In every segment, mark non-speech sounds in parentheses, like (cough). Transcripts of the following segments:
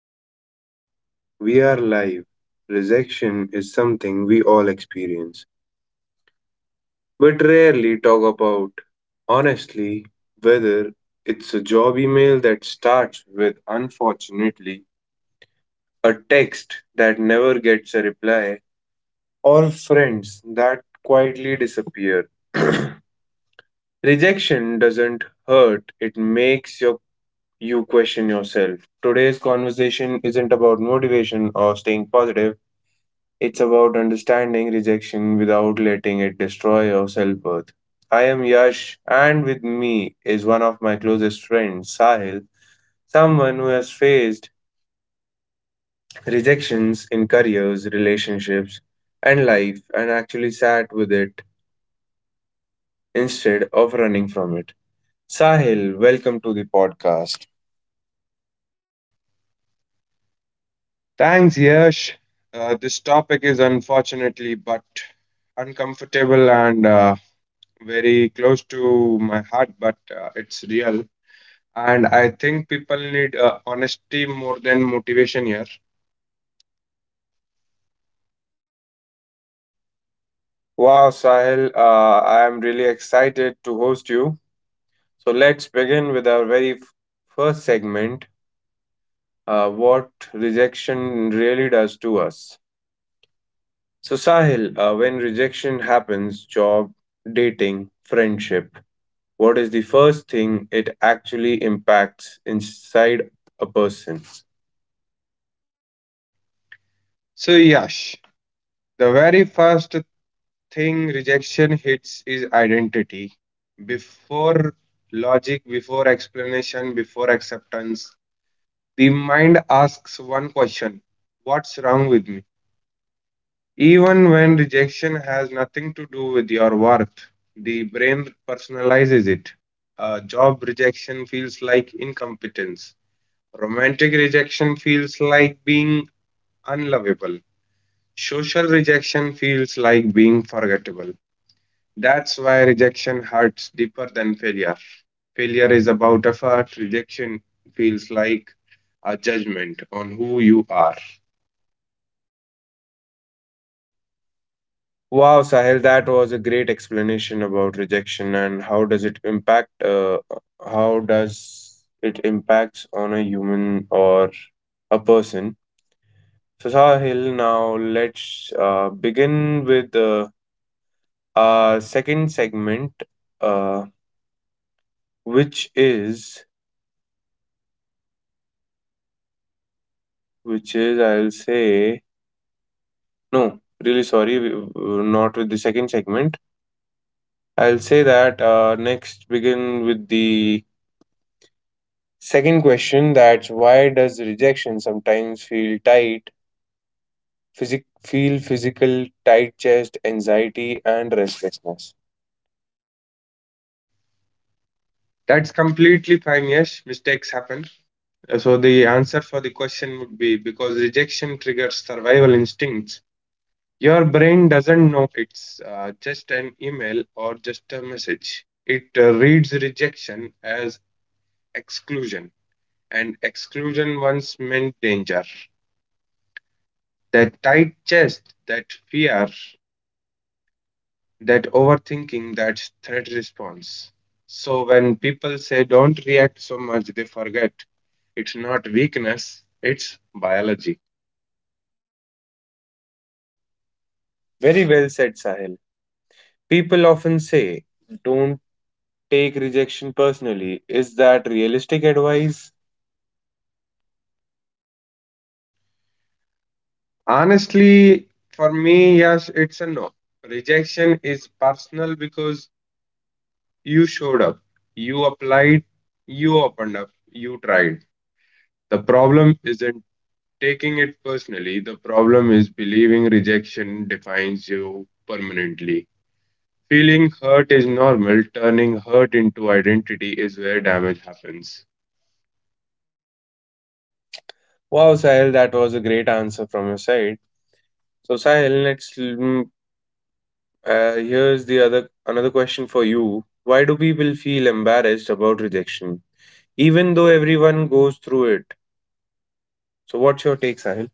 right, we are live. Rejection is something we all experience, but rarely talk about. Honestly, whether it's a job email that starts with unfortunately, a text that never gets a reply, or friends that quietly disappear. (clears throat) Rejection doesn't hurt, it makes you question yourself. Today's conversation isn't about motivation or staying positive. It's about understanding rejection without letting it destroy your self worth. I am Yash, and with me is one of my closest friends, Sahil, someone who has faced rejections in careers, relationships, and life, and actually sat with it instead of running from it. Sahil, welcome to the podcast. Thanks, Yash. This topic is unfortunately but uncomfortable and very close to my heart, but it's real. And I think people need honesty more than motivation here. Wow, Sahil, I am really excited to host you. So let's begin with our first segment, what rejection really does to us. So, Sahil, when rejection happens, job, dating, friendship, what is the first thing it actually impacts inside a person? So, Yash, the very first thing rejection hits is identity. Before logic, before explanation, before acceptance, the mind asks one question. What's wrong with me? Even when rejection has nothing to do with your worth, the brain personalizes it. Job rejection feels like incompetence. Romantic rejection feels like being unlovable. Social rejection feels like being forgettable. That's why rejection hurts deeper than failure. Failure is about effort, rejection feels like a judgment on who you are. Wow, Sahil, that was a great explanation about rejection and how does it impact, how does it impacts on a human or a person. So, Sahil, now let's begin with. Second segment uh which is which is I'll say no really sorry we- not with the second segment I'll say that next begin with the second question, that's why does rejection sometimes feel physical, tight chest, anxiety, and restlessness. That's completely fine, yes. Mistakes happen. So the answer for the question would be, because rejection triggers survival instincts. Your brain doesn't know it's just an email or just a message. It reads rejection as exclusion, and exclusion once meant danger. That tight chest, that fear, that overthinking, that threat response. So when people say don't react so much, they forget it's not weakness, it's biology. Very well said, Sahil. People often say don't take rejection personally. Is that realistic advice? Honestly, for me, yes, it's a no. Rejection is personal because you showed up, you applied, you opened up, you tried. The problem isn't taking it personally, the problem is believing rejection defines you permanently. Feeling hurt is normal, turning hurt into identity is where damage happens. Wow, Sahil, that was a great answer from your side. So, Sahil, here's the other another question for you. Why do people feel embarrassed about rejection, even though everyone goes through it? So, what's your take, Sahil?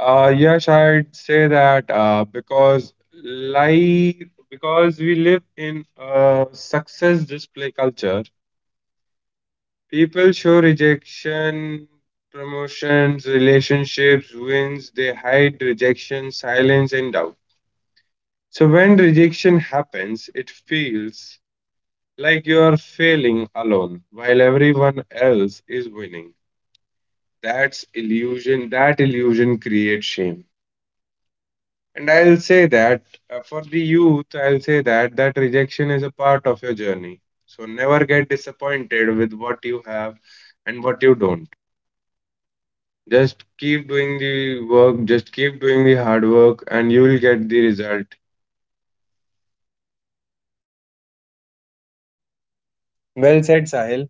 Yes, I'd say that because life, because we live in a success display culture, people show rejection, promotions, relationships, wins. They hide rejection, silence, and doubt. So when rejection happens, it feels like you are failing alone while everyone else is winning. That's illusion. That illusion creates shame. And I'll say that for the youth, I'll say that that rejection is a part of your journey. So never get disappointed with what you have and what you don't. Just keep doing the work, just keep doing the hard work, and you will get the result. Well said, Sahil.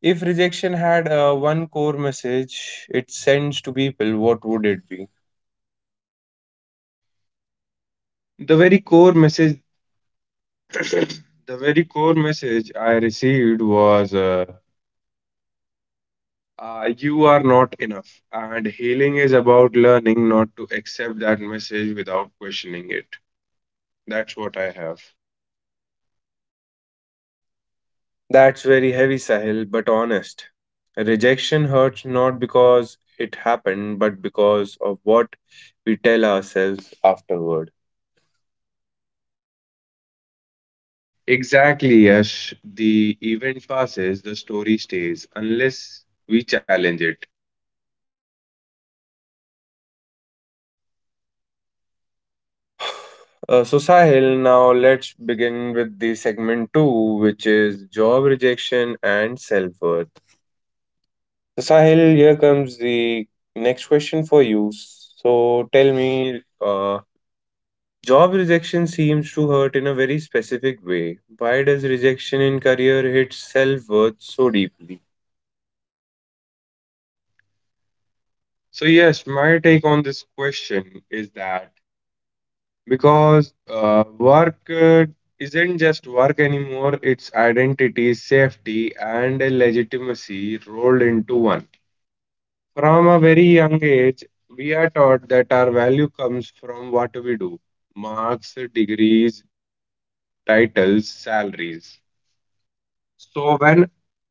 If rejection had one core message it sends to people, what would it be? The very core message, (coughs) the very core message I received was you are not enough. And healing is about learning not to accept that message without questioning it. That's what I have. That's very heavy, Sahil, but honest. Rejection hurts not because it happened, but because of what we tell ourselves afterward. Exactly, Yash. The event passes, the story stays, unless we challenge it. So Sahil, now let's begin with the segment two, which is job rejection and self-worth. So Sahil, here comes the next question for you. So tell me, job rejection seems to hurt in a very specific way. Why does rejection in career hit self-worth so deeply? So, yes, my take on this question is that because work isn't just work anymore, it's identity, safety, and a legitimacy rolled into one. From a very young age, we are taught that our value comes from what we do, marks, degrees, titles, salaries. So when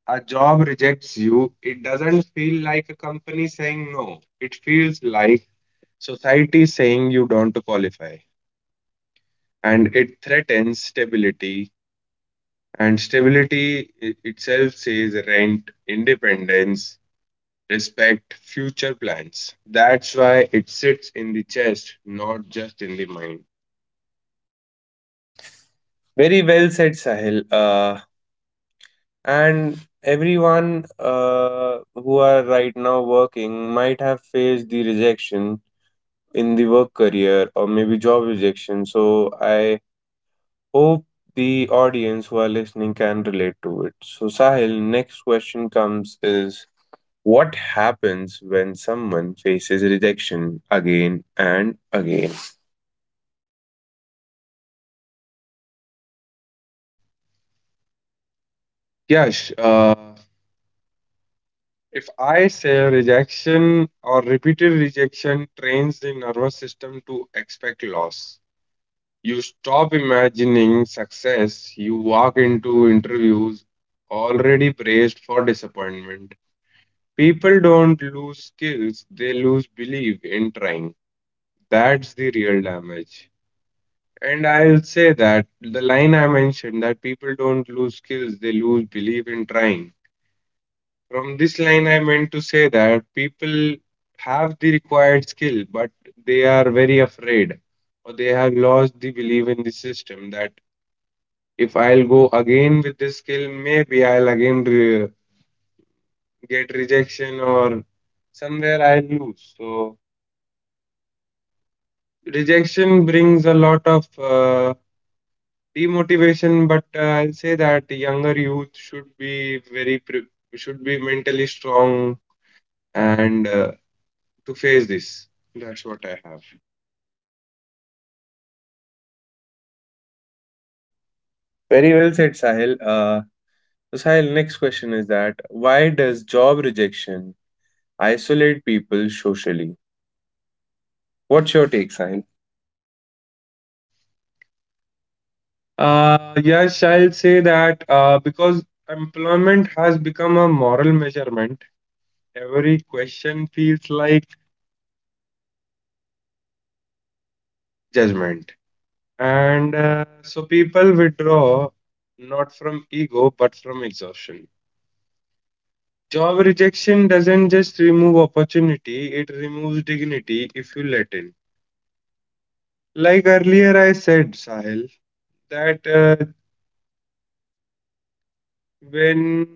a job rejects you, it doesn't feel like a company saying no. It feels like society saying you don't qualify. And it threatens stability. And stability itself says rent, independence, respect, future plans. That's why it sits in the chest, not just in the mind. Very well said, Sahil. And everyone who are right now working might have faced the rejection in the work career or maybe job rejection. So I hope the audience who are listening can relate to it. So Sahil, next question comes is what happens when someone faces rejection again and again? Yes. If I say rejection or repeated rejection trains the nervous system to expect loss, you stop imagining success, you walk into interviews already braced for disappointment. People don't lose skills, they lose belief in trying. That's the real damage. And I'll say that the line I mentioned that people don't lose skills, they lose belief in trying. From this line, I meant to say that people have the required skill, but they are very afraid or they have lost the belief in the system that if I'll go again with this skill, maybe I'll again re get rejection or somewhere I'll lose. So rejection brings a lot of demotivation, but I'll say that the younger youth should be very pre should be mentally strong and to face this. That's what I have. Very well said, Sahil. So Sahil, next question is that why does job rejection isolate people socially? What's your take, Sahil? Yes, I'll say that because employment has become a moral measurement, every question feels like judgment. And so people withdraw not from ego but from exhaustion. Job rejection doesn't just remove opportunity, it removes dignity if you let in. Like earlier, I said, Sahil, that when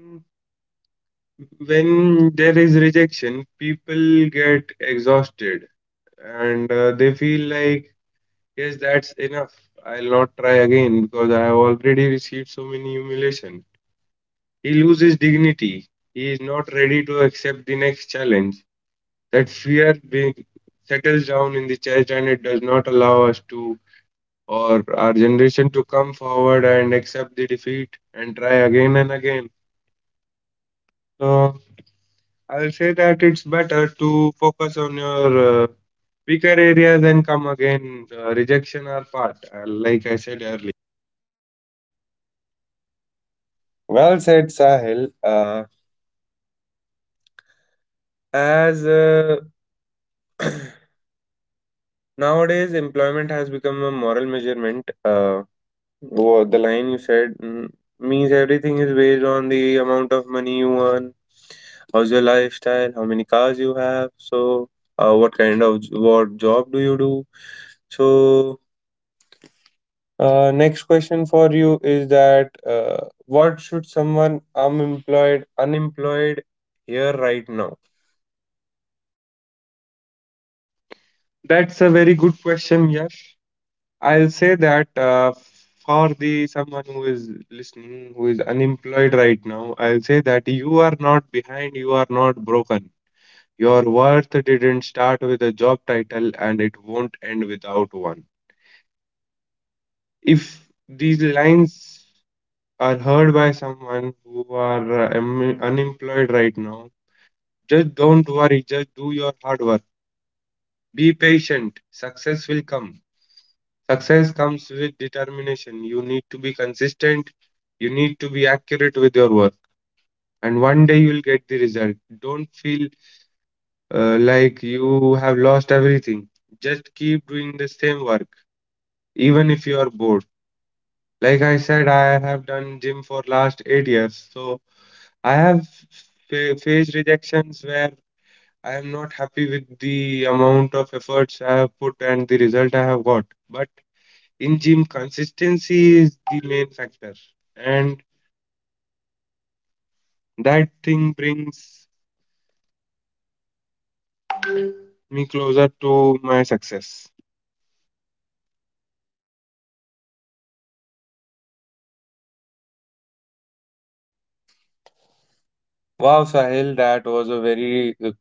there is rejection, people get exhausted and they feel like, yes, that's enough, I'll not try again because I have already received so many humiliation, he loses dignity, he is not ready to accept the next challenge, that fear being settles down in the chest, and it does not allow us to or our generation to come forward and accept the defeat and try again and again. So I'll say that it's better to focus on your weaker areas and come again. Rejection are part, like I said earlier. Well said, Sahil. As Nowadays, employment has become a moral measurement. The line you said means everything is based on the amount of money you earn, how's your lifestyle, how many cars you have, so what kind of j- what job do you do. So, next question for you is that what should someone unemployed hear right now? That's a very good question, Yash. I'll say that for the someone who is listening, who is unemployed right now, I'll say that you are not behind, you are not broken. Your worth didn't start with a job title and it won't end without one. If these lines are heard by someone who are unemployed right now, just don't worry, just do your hard work. Be patient, success will come. Success comes with determination. You need to be consistent, you need to be accurate with your work, and one day you'll get the result. Don't feel like you have lost everything. Just keep doing the same work, even if you are bored. Like I said, I have done gym for last 8 years, so I have faced rejections where I am not happy with the amount of efforts I have put and the result I have got. But in gym, consistency is the main factor, and that thing brings me closer to my success. Wow, Sahil, that was a very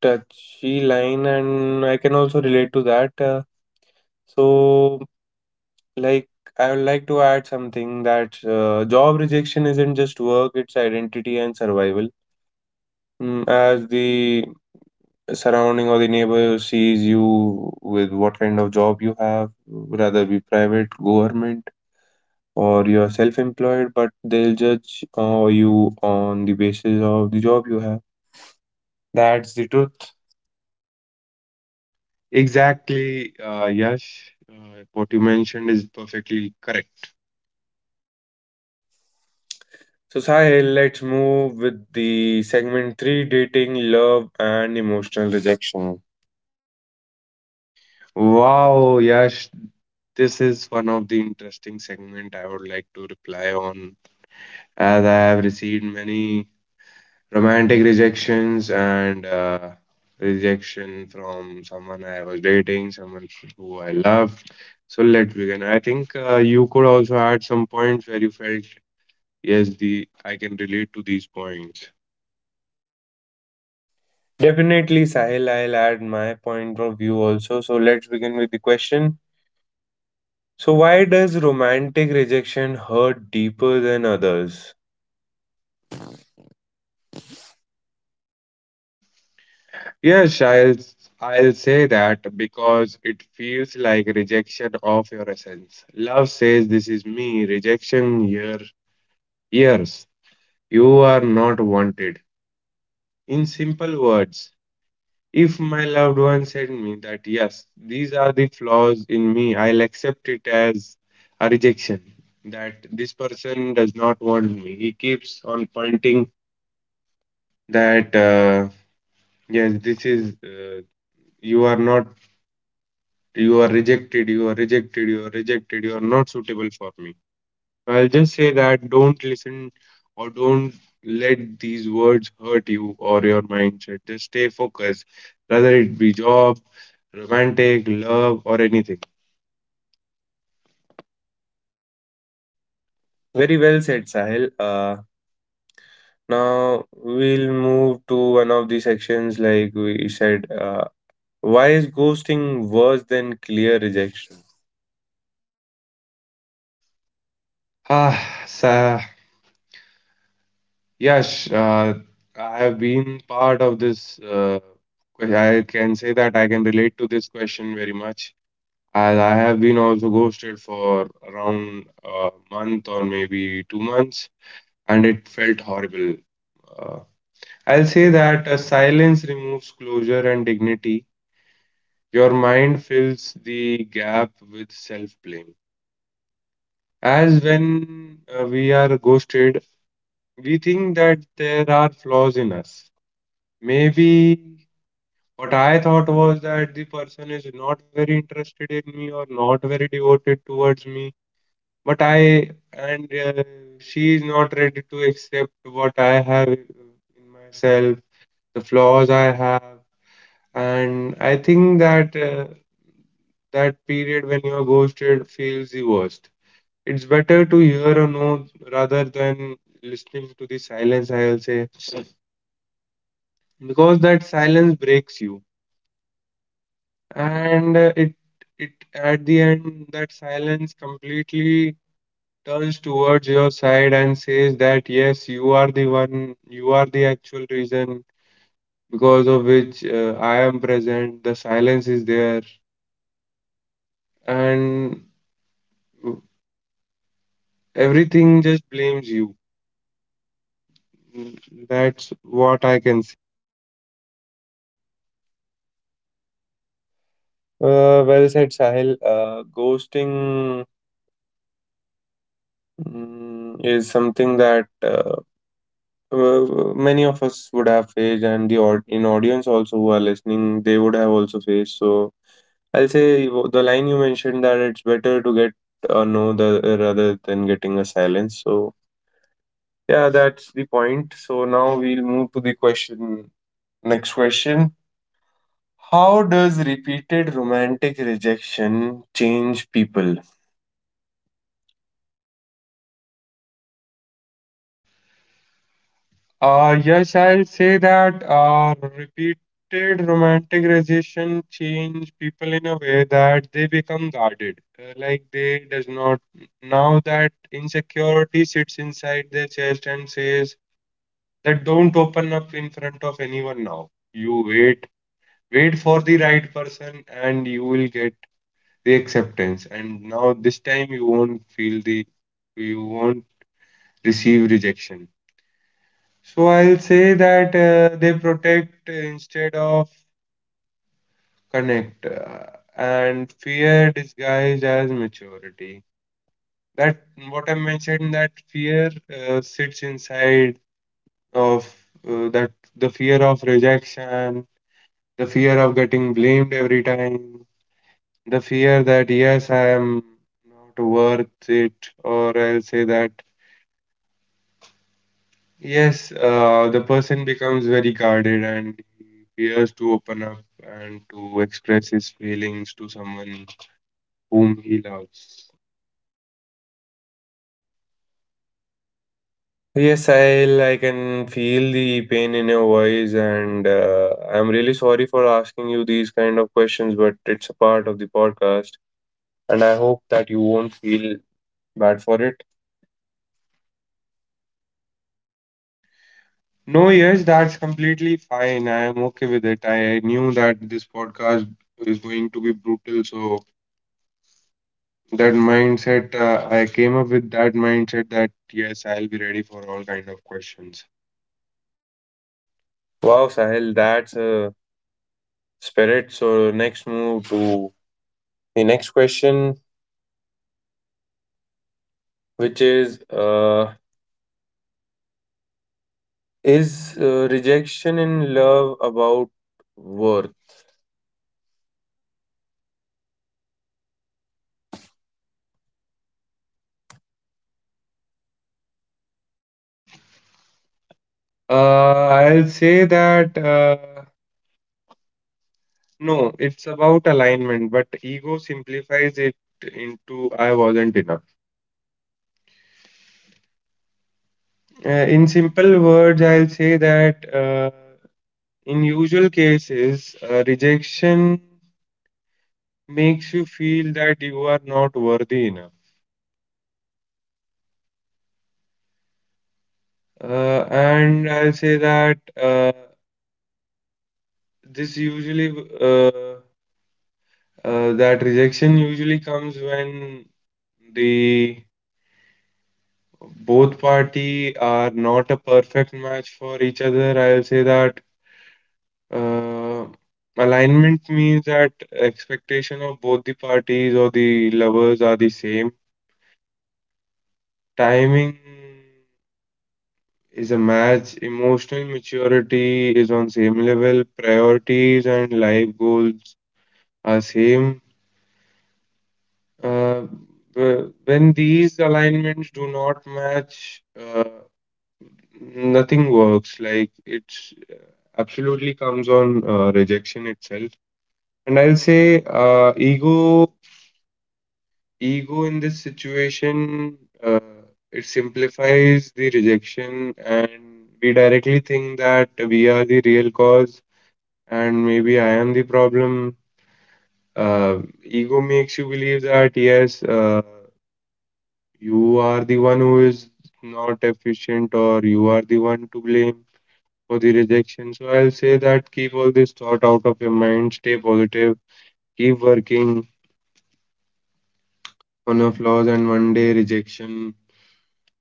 touchy line and I can also relate to that. So, like, I would like to add something that job rejection isn't just work, it's identity and survival. Mm, as the surrounding or the neighbor sees you with what kind of job you have, whether be private, government, or you're self employed, but they'll judge you on the basis of the job you have. That's the truth. Exactly, Yash. What you mentioned is perfectly correct. So Sahil, let's move with the segment three: dating, love, and emotional rejection. Wow, Yash, this is one of the interesting segment I would like to reply on, as I have received many romantic rejections and rejection from someone I was dating, someone who I loved. So let's begin. I think you could also add some points where you felt, yes, the I can relate to these points. Definitely, Sahil, I'll add my point of view also. So let's begin with the question. So why does romantic rejection hurt deeper than others? Yes, I'll I'll say that because it feels like rejection of your essence. Love says this is me. Rejection here, years. You are not wanted. In simple words. If my loved one said me that yes, these are the flaws in me, I'll accept it as a rejection. That this person does not want me. He keeps on pointing that yes, this is you are not, you are rejected, you are rejected, you are rejected, you are not suitable for me. I'll just say that don't listen or don't let these words hurt you or your mindset. Just stay focused, whether it be job, romantic, love, or anything. Very well said, Sahil. Now we'll move to one of the sections like we said. Why is ghosting worse than clear rejection? Ah, so, yes, I have been part of this. I can say that I can relate to this question very much. As I have been also ghosted for around a month or maybe 2 months, and it felt horrible. Uh, I'll say that a silence removes closure and dignity. Your mind fills the gap with self blame. As when we are ghosted, we think that there are flaws in us. Maybe what I thought was that the person is not very interested in me or not very devoted towards me, but I and she is not ready to accept what I have in myself, the flaws I have. And I think that that period when you're ghosted feels the worst. It's better to hear a no rather than listening to the silence, I'll say, because that silence breaks you. And it at the end that silence completely turns towards your side and says that yes, you are the one, you are the actual reason because of which I am present. The silence is there, and everything just blames you. Mm. That's what I can say. Well said, Sahil. Ghosting is something that many of us would have faced, and the aud- in audience also who are listening, they would have also faced. So I'll say the line you mentioned, that it's better to get a no, rather than getting a silence. So yeah, that's the point. So now we'll move to the question. Next question. How does repeated romantic rejection change people? Yes, I'll say that repeated romantic rejection change people in a way that they become guarded. Like they does not now that insecurity sits inside their chest and says that don't open up in front of anyone now. You wait, wait for the right person, and you will get the acceptance. And now this time you won't feel the you won't receive rejection. So I'll say that they protect instead of connect, and fear disguised as maturity. That what I mentioned that fear sits inside of that the fear of rejection, the fear of getting blamed every time, the fear that yes I am not worth it, or I'll say that yes, the person becomes very guarded and he fears to open up and to express his feelings to someone whom he loves. Yes, I'll, can feel the pain in your voice, and I'm really sorry for asking you these kind of questions, but it's a part of the podcast, and I hope that you won't feel bad for it. No, yes, that's completely fine. I am okay with it. I knew that this podcast is going to be brutal, so that mindset, I came up with that mindset that yes, I'll be ready for all kind of questions. Wow, Sahil, that's a spirit. So, next move to the next question, which is is rejection in love about worth? I'll say that. No, it's about alignment, but ego simplifies it into I wasn't enough. Uh, in simple words, I'll say that, in usual cases, rejection makes you feel that you are not worthy enough. And I'll say that, this usually, uh, that rejection usually comes when the both party are not a perfect match for each other, I'll say that. Uh, Alignment means that expectation of both the parties or the lovers are the same. Timing is a match. Emotional maturity is on same level. Priorities and life goals are same. Uh, when these alignments do not match, nothing works. Like it's absolutely comes on rejection itself. And I'll say ego in this situation, uh, it simplifies the rejection, and we directly think that we are the real cause and maybe I am the problem. Uh, Ego makes you believe that, yes, you are the one who is not efficient, or you are the one to blame for the rejection. So I'll say that keep all this thought out of your mind, stay positive, keep working on your flaws, and one day rejection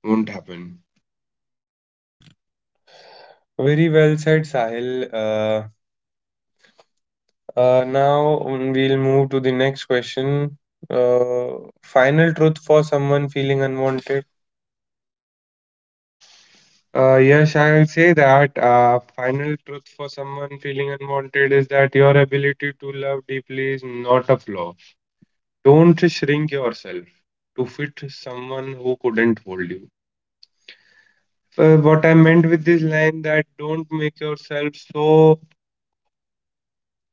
won't happen. Very well said, Sahil. Uh, we'll move to the next question. Uh, final truth for someone feeling unwanted. Yes, I'll say that final truth for someone feeling unwanted is that your ability to love deeply is not a flaw. Don't shrink yourself to fit someone who couldn't hold you. So what I meant with this line that don't make yourself so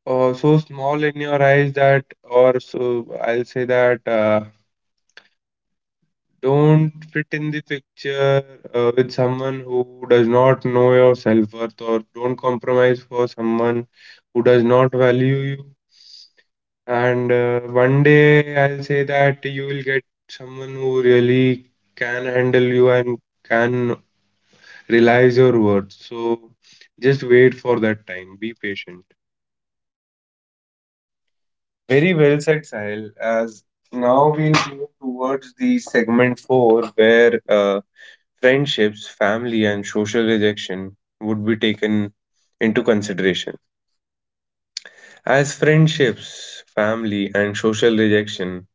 so small in your eyes that, or so I'll say that. Don't fit in the picture with someone who does not know your self-worth, or don't compromise for someone who does not value you. And one day I'll say that you will get someone who really can handle you and can realize your worth. So just wait for that time. Be patient. Very well said, Sahil. As now we'll move towards the segment four, where friendships, family, and social rejection would be taken into consideration. As friendships, family, and social rejection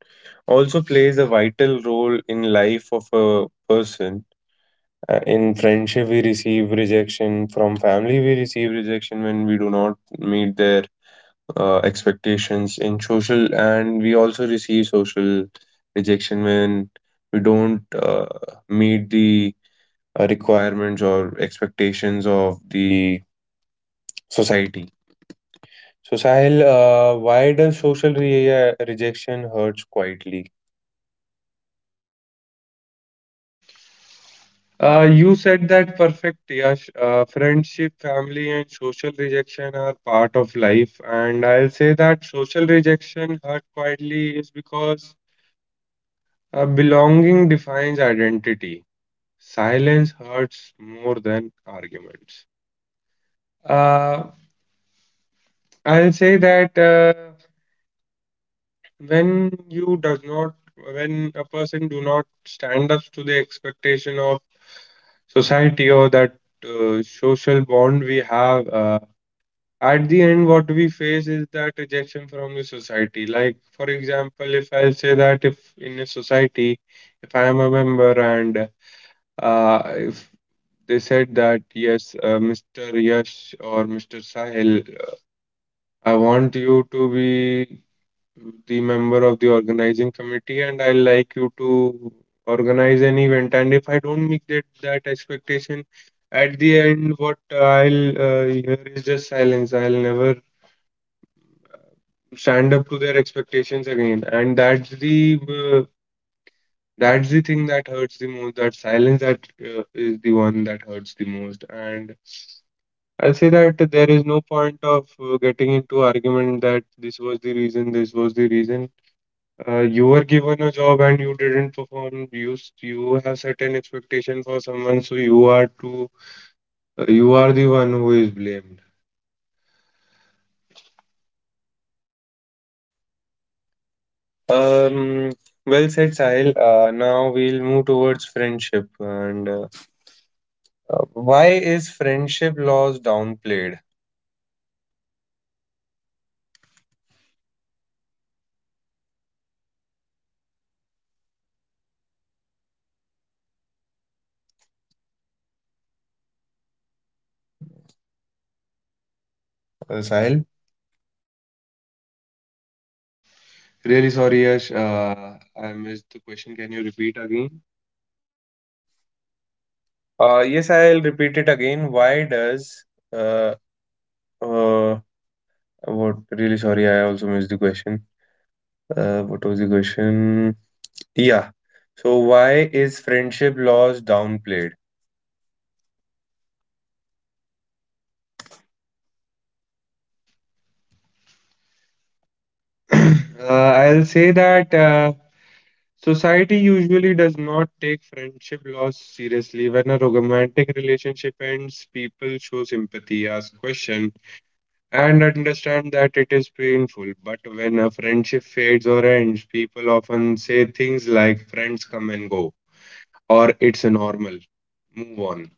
also plays a vital role in life of a person. In friendship, we receive rejection. From family, we receive rejection when we do not meet their expectations. In social, and we also receive social rejection when we don't meet the requirements or expectations of the society. So, Sahil, why does social rejection hurts quietly? You said that perfect, Yash. Friendship, family, and social rejection are part of life. And I'll say that social rejection hurt quietly is because belonging defines identity. Silence hurts more than arguments. Uh, I'll say that, when you does not, when a person do not stand up to the expectation of society or that social bond we have. At the end what we face is that rejection from the society. Like for example, if I say that if in a society, if I am a member and, if they said that, yes, Mr. Yash or Mr. Sahil, I want you to be the member of the organizing committee, and I like you to organize an event, and if I don't meet that expectation, at the end what I'll hear is just silence. I'll never stand up to their expectations again, and that's the thing that hurts the most, that silence that is the one that hurts the most. And I'll say that there is no point of getting into argument that this was the reason this was the reason you were given a job and you didn't perform. You have certain expectation for someone, so you are to, you are the one who is blamed. Um, well said, Sahil. Now we'll move towards friendship and. Why is friendship loss downplayed, Sahil? Really sorry, Yash, I missed the question, can you repeat again? Yes, I'll repeat it again. Why does uh, uh, what really sorry, I also missed the question. What was the question? Yeah. So why is friendship loss downplayed? Uh, I'll say that society usually does not take friendship loss seriously. When a romantic relationship ends, people show sympathy, ask questions, and understand that it is painful. But when a friendship fades or ends, people often say things like friends come and go, or it's normal, move on.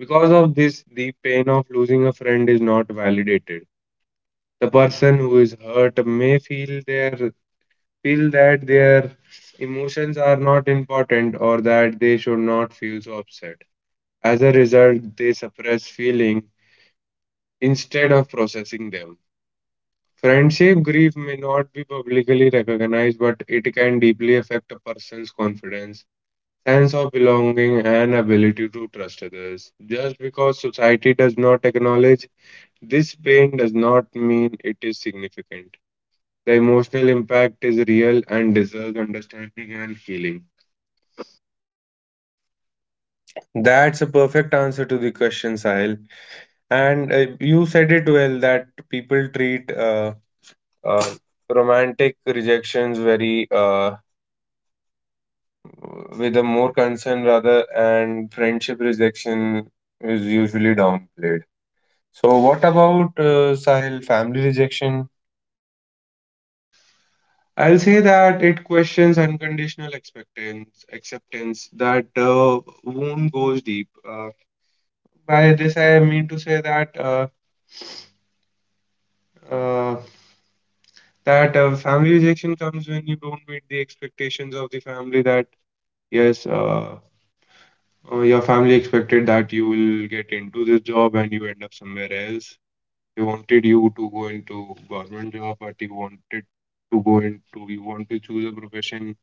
Because of this, the pain of losing a friend is not validated. The person who is hurt may feel that their emotions are not important or that they should not feel so upset. As a result, they suppress feeling instead of processing them. Friendship grief may not be publicly recognized, but it can deeply affect a person's confidence, sense of belonging, and ability to trust others. Just because society does not acknowledge this pain does not mean it is significant. The emotional impact is real and deserves understanding and healing. That's a perfect answer to the question, Sahil. And you said it well that people treat uh, romantic rejections very with a more concern rather, and friendship rejection is usually downplayed. So what about Sahil, family rejection? (coughs) I'll say that it questions unconditional acceptance, acceptance that wound goes deep. By this, I mean to say that uh, family rejection comes when you don't meet the expectations of the family. That, yes, your family expected that you will get into this job and you end up somewhere else. They wanted you to go into government job, but you wanted to go into you want to choose a profession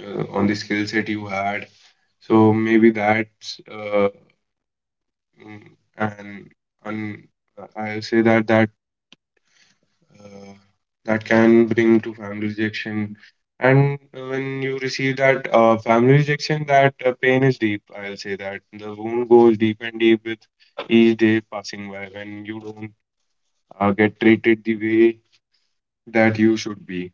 on the skill set you had. So maybe that's mm, and and I'll say that uh, that can bring to family rejection. And when you receive that family rejection, that pain is deep. I'll say that the wound goes deep and deep with each day passing by when you don't get treated the way that you should be.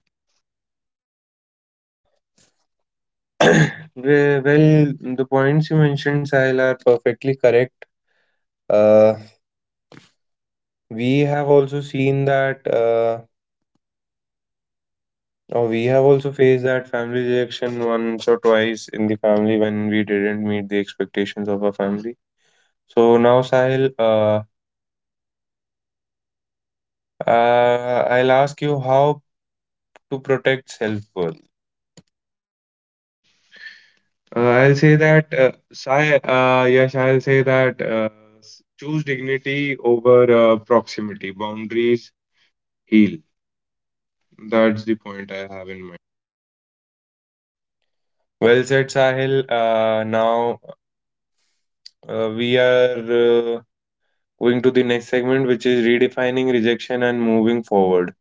(clears throat) Well, the points you mentioned, Sahil, are perfectly correct. Uh, we have also seen that, or we have also faced that family rejection once or twice in the family when we didn't meet the expectations of our family. So now, Sahil, I'll ask you how to protect self-worth. I'll say that, Sai, yes, I'll say that choose dignity over proximity. Boundaries heal. That's the point I have in mind. Well said, Sahil. Now we are going to the next segment, which is redefining rejection and moving forward.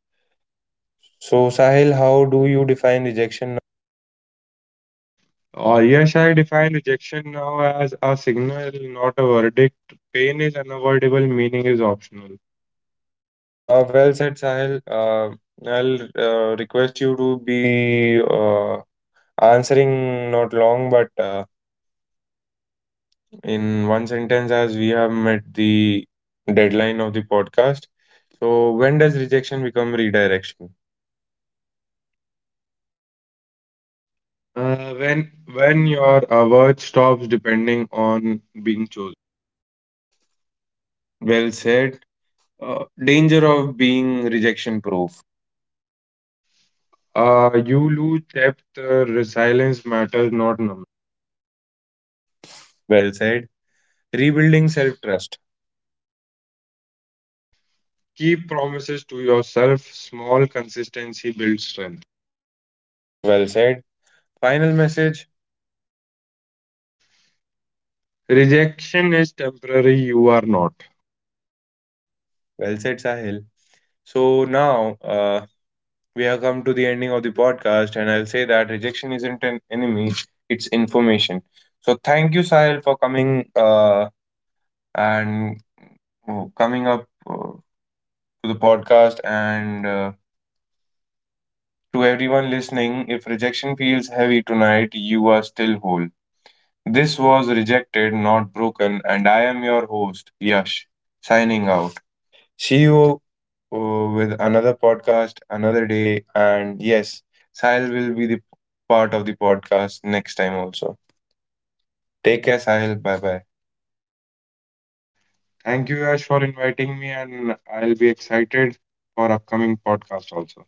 So, Sahil, how do you define rejection? Yes, I define rejection now as a signal, not a verdict. Pain is unavoidable, meaning is optional. Well said, Sahil. I'll request you to be answering not long, but in one sentence, as we have met the deadline of the podcast. So, when does rejection become redirection? When your worth stops depending on being chosen, Well said. Danger of being rejection proof. You lose depth. Resilience matters, not number. Well said. Rebuilding self trust. Keep promises to yourself. Small consistency builds strength. Well said. Final message. Rejection is temporary. You are not. Well said, Sahil. So now we have come to the ending of the podcast, and I'll say that rejection isn't an enemy, it's information. So thank you, Sahil, for coming and coming up to the podcast. And to everyone listening, if rejection feels heavy tonight, you are still whole. This was rejected, not broken, and I am your host, Yash, signing out. See you with another podcast another day, and yes, Sahil will be the part of the podcast next time also. Take care, Sahil. Bye bye. Thank you, Ash, for inviting me, and I'll be excited for upcoming podcast also.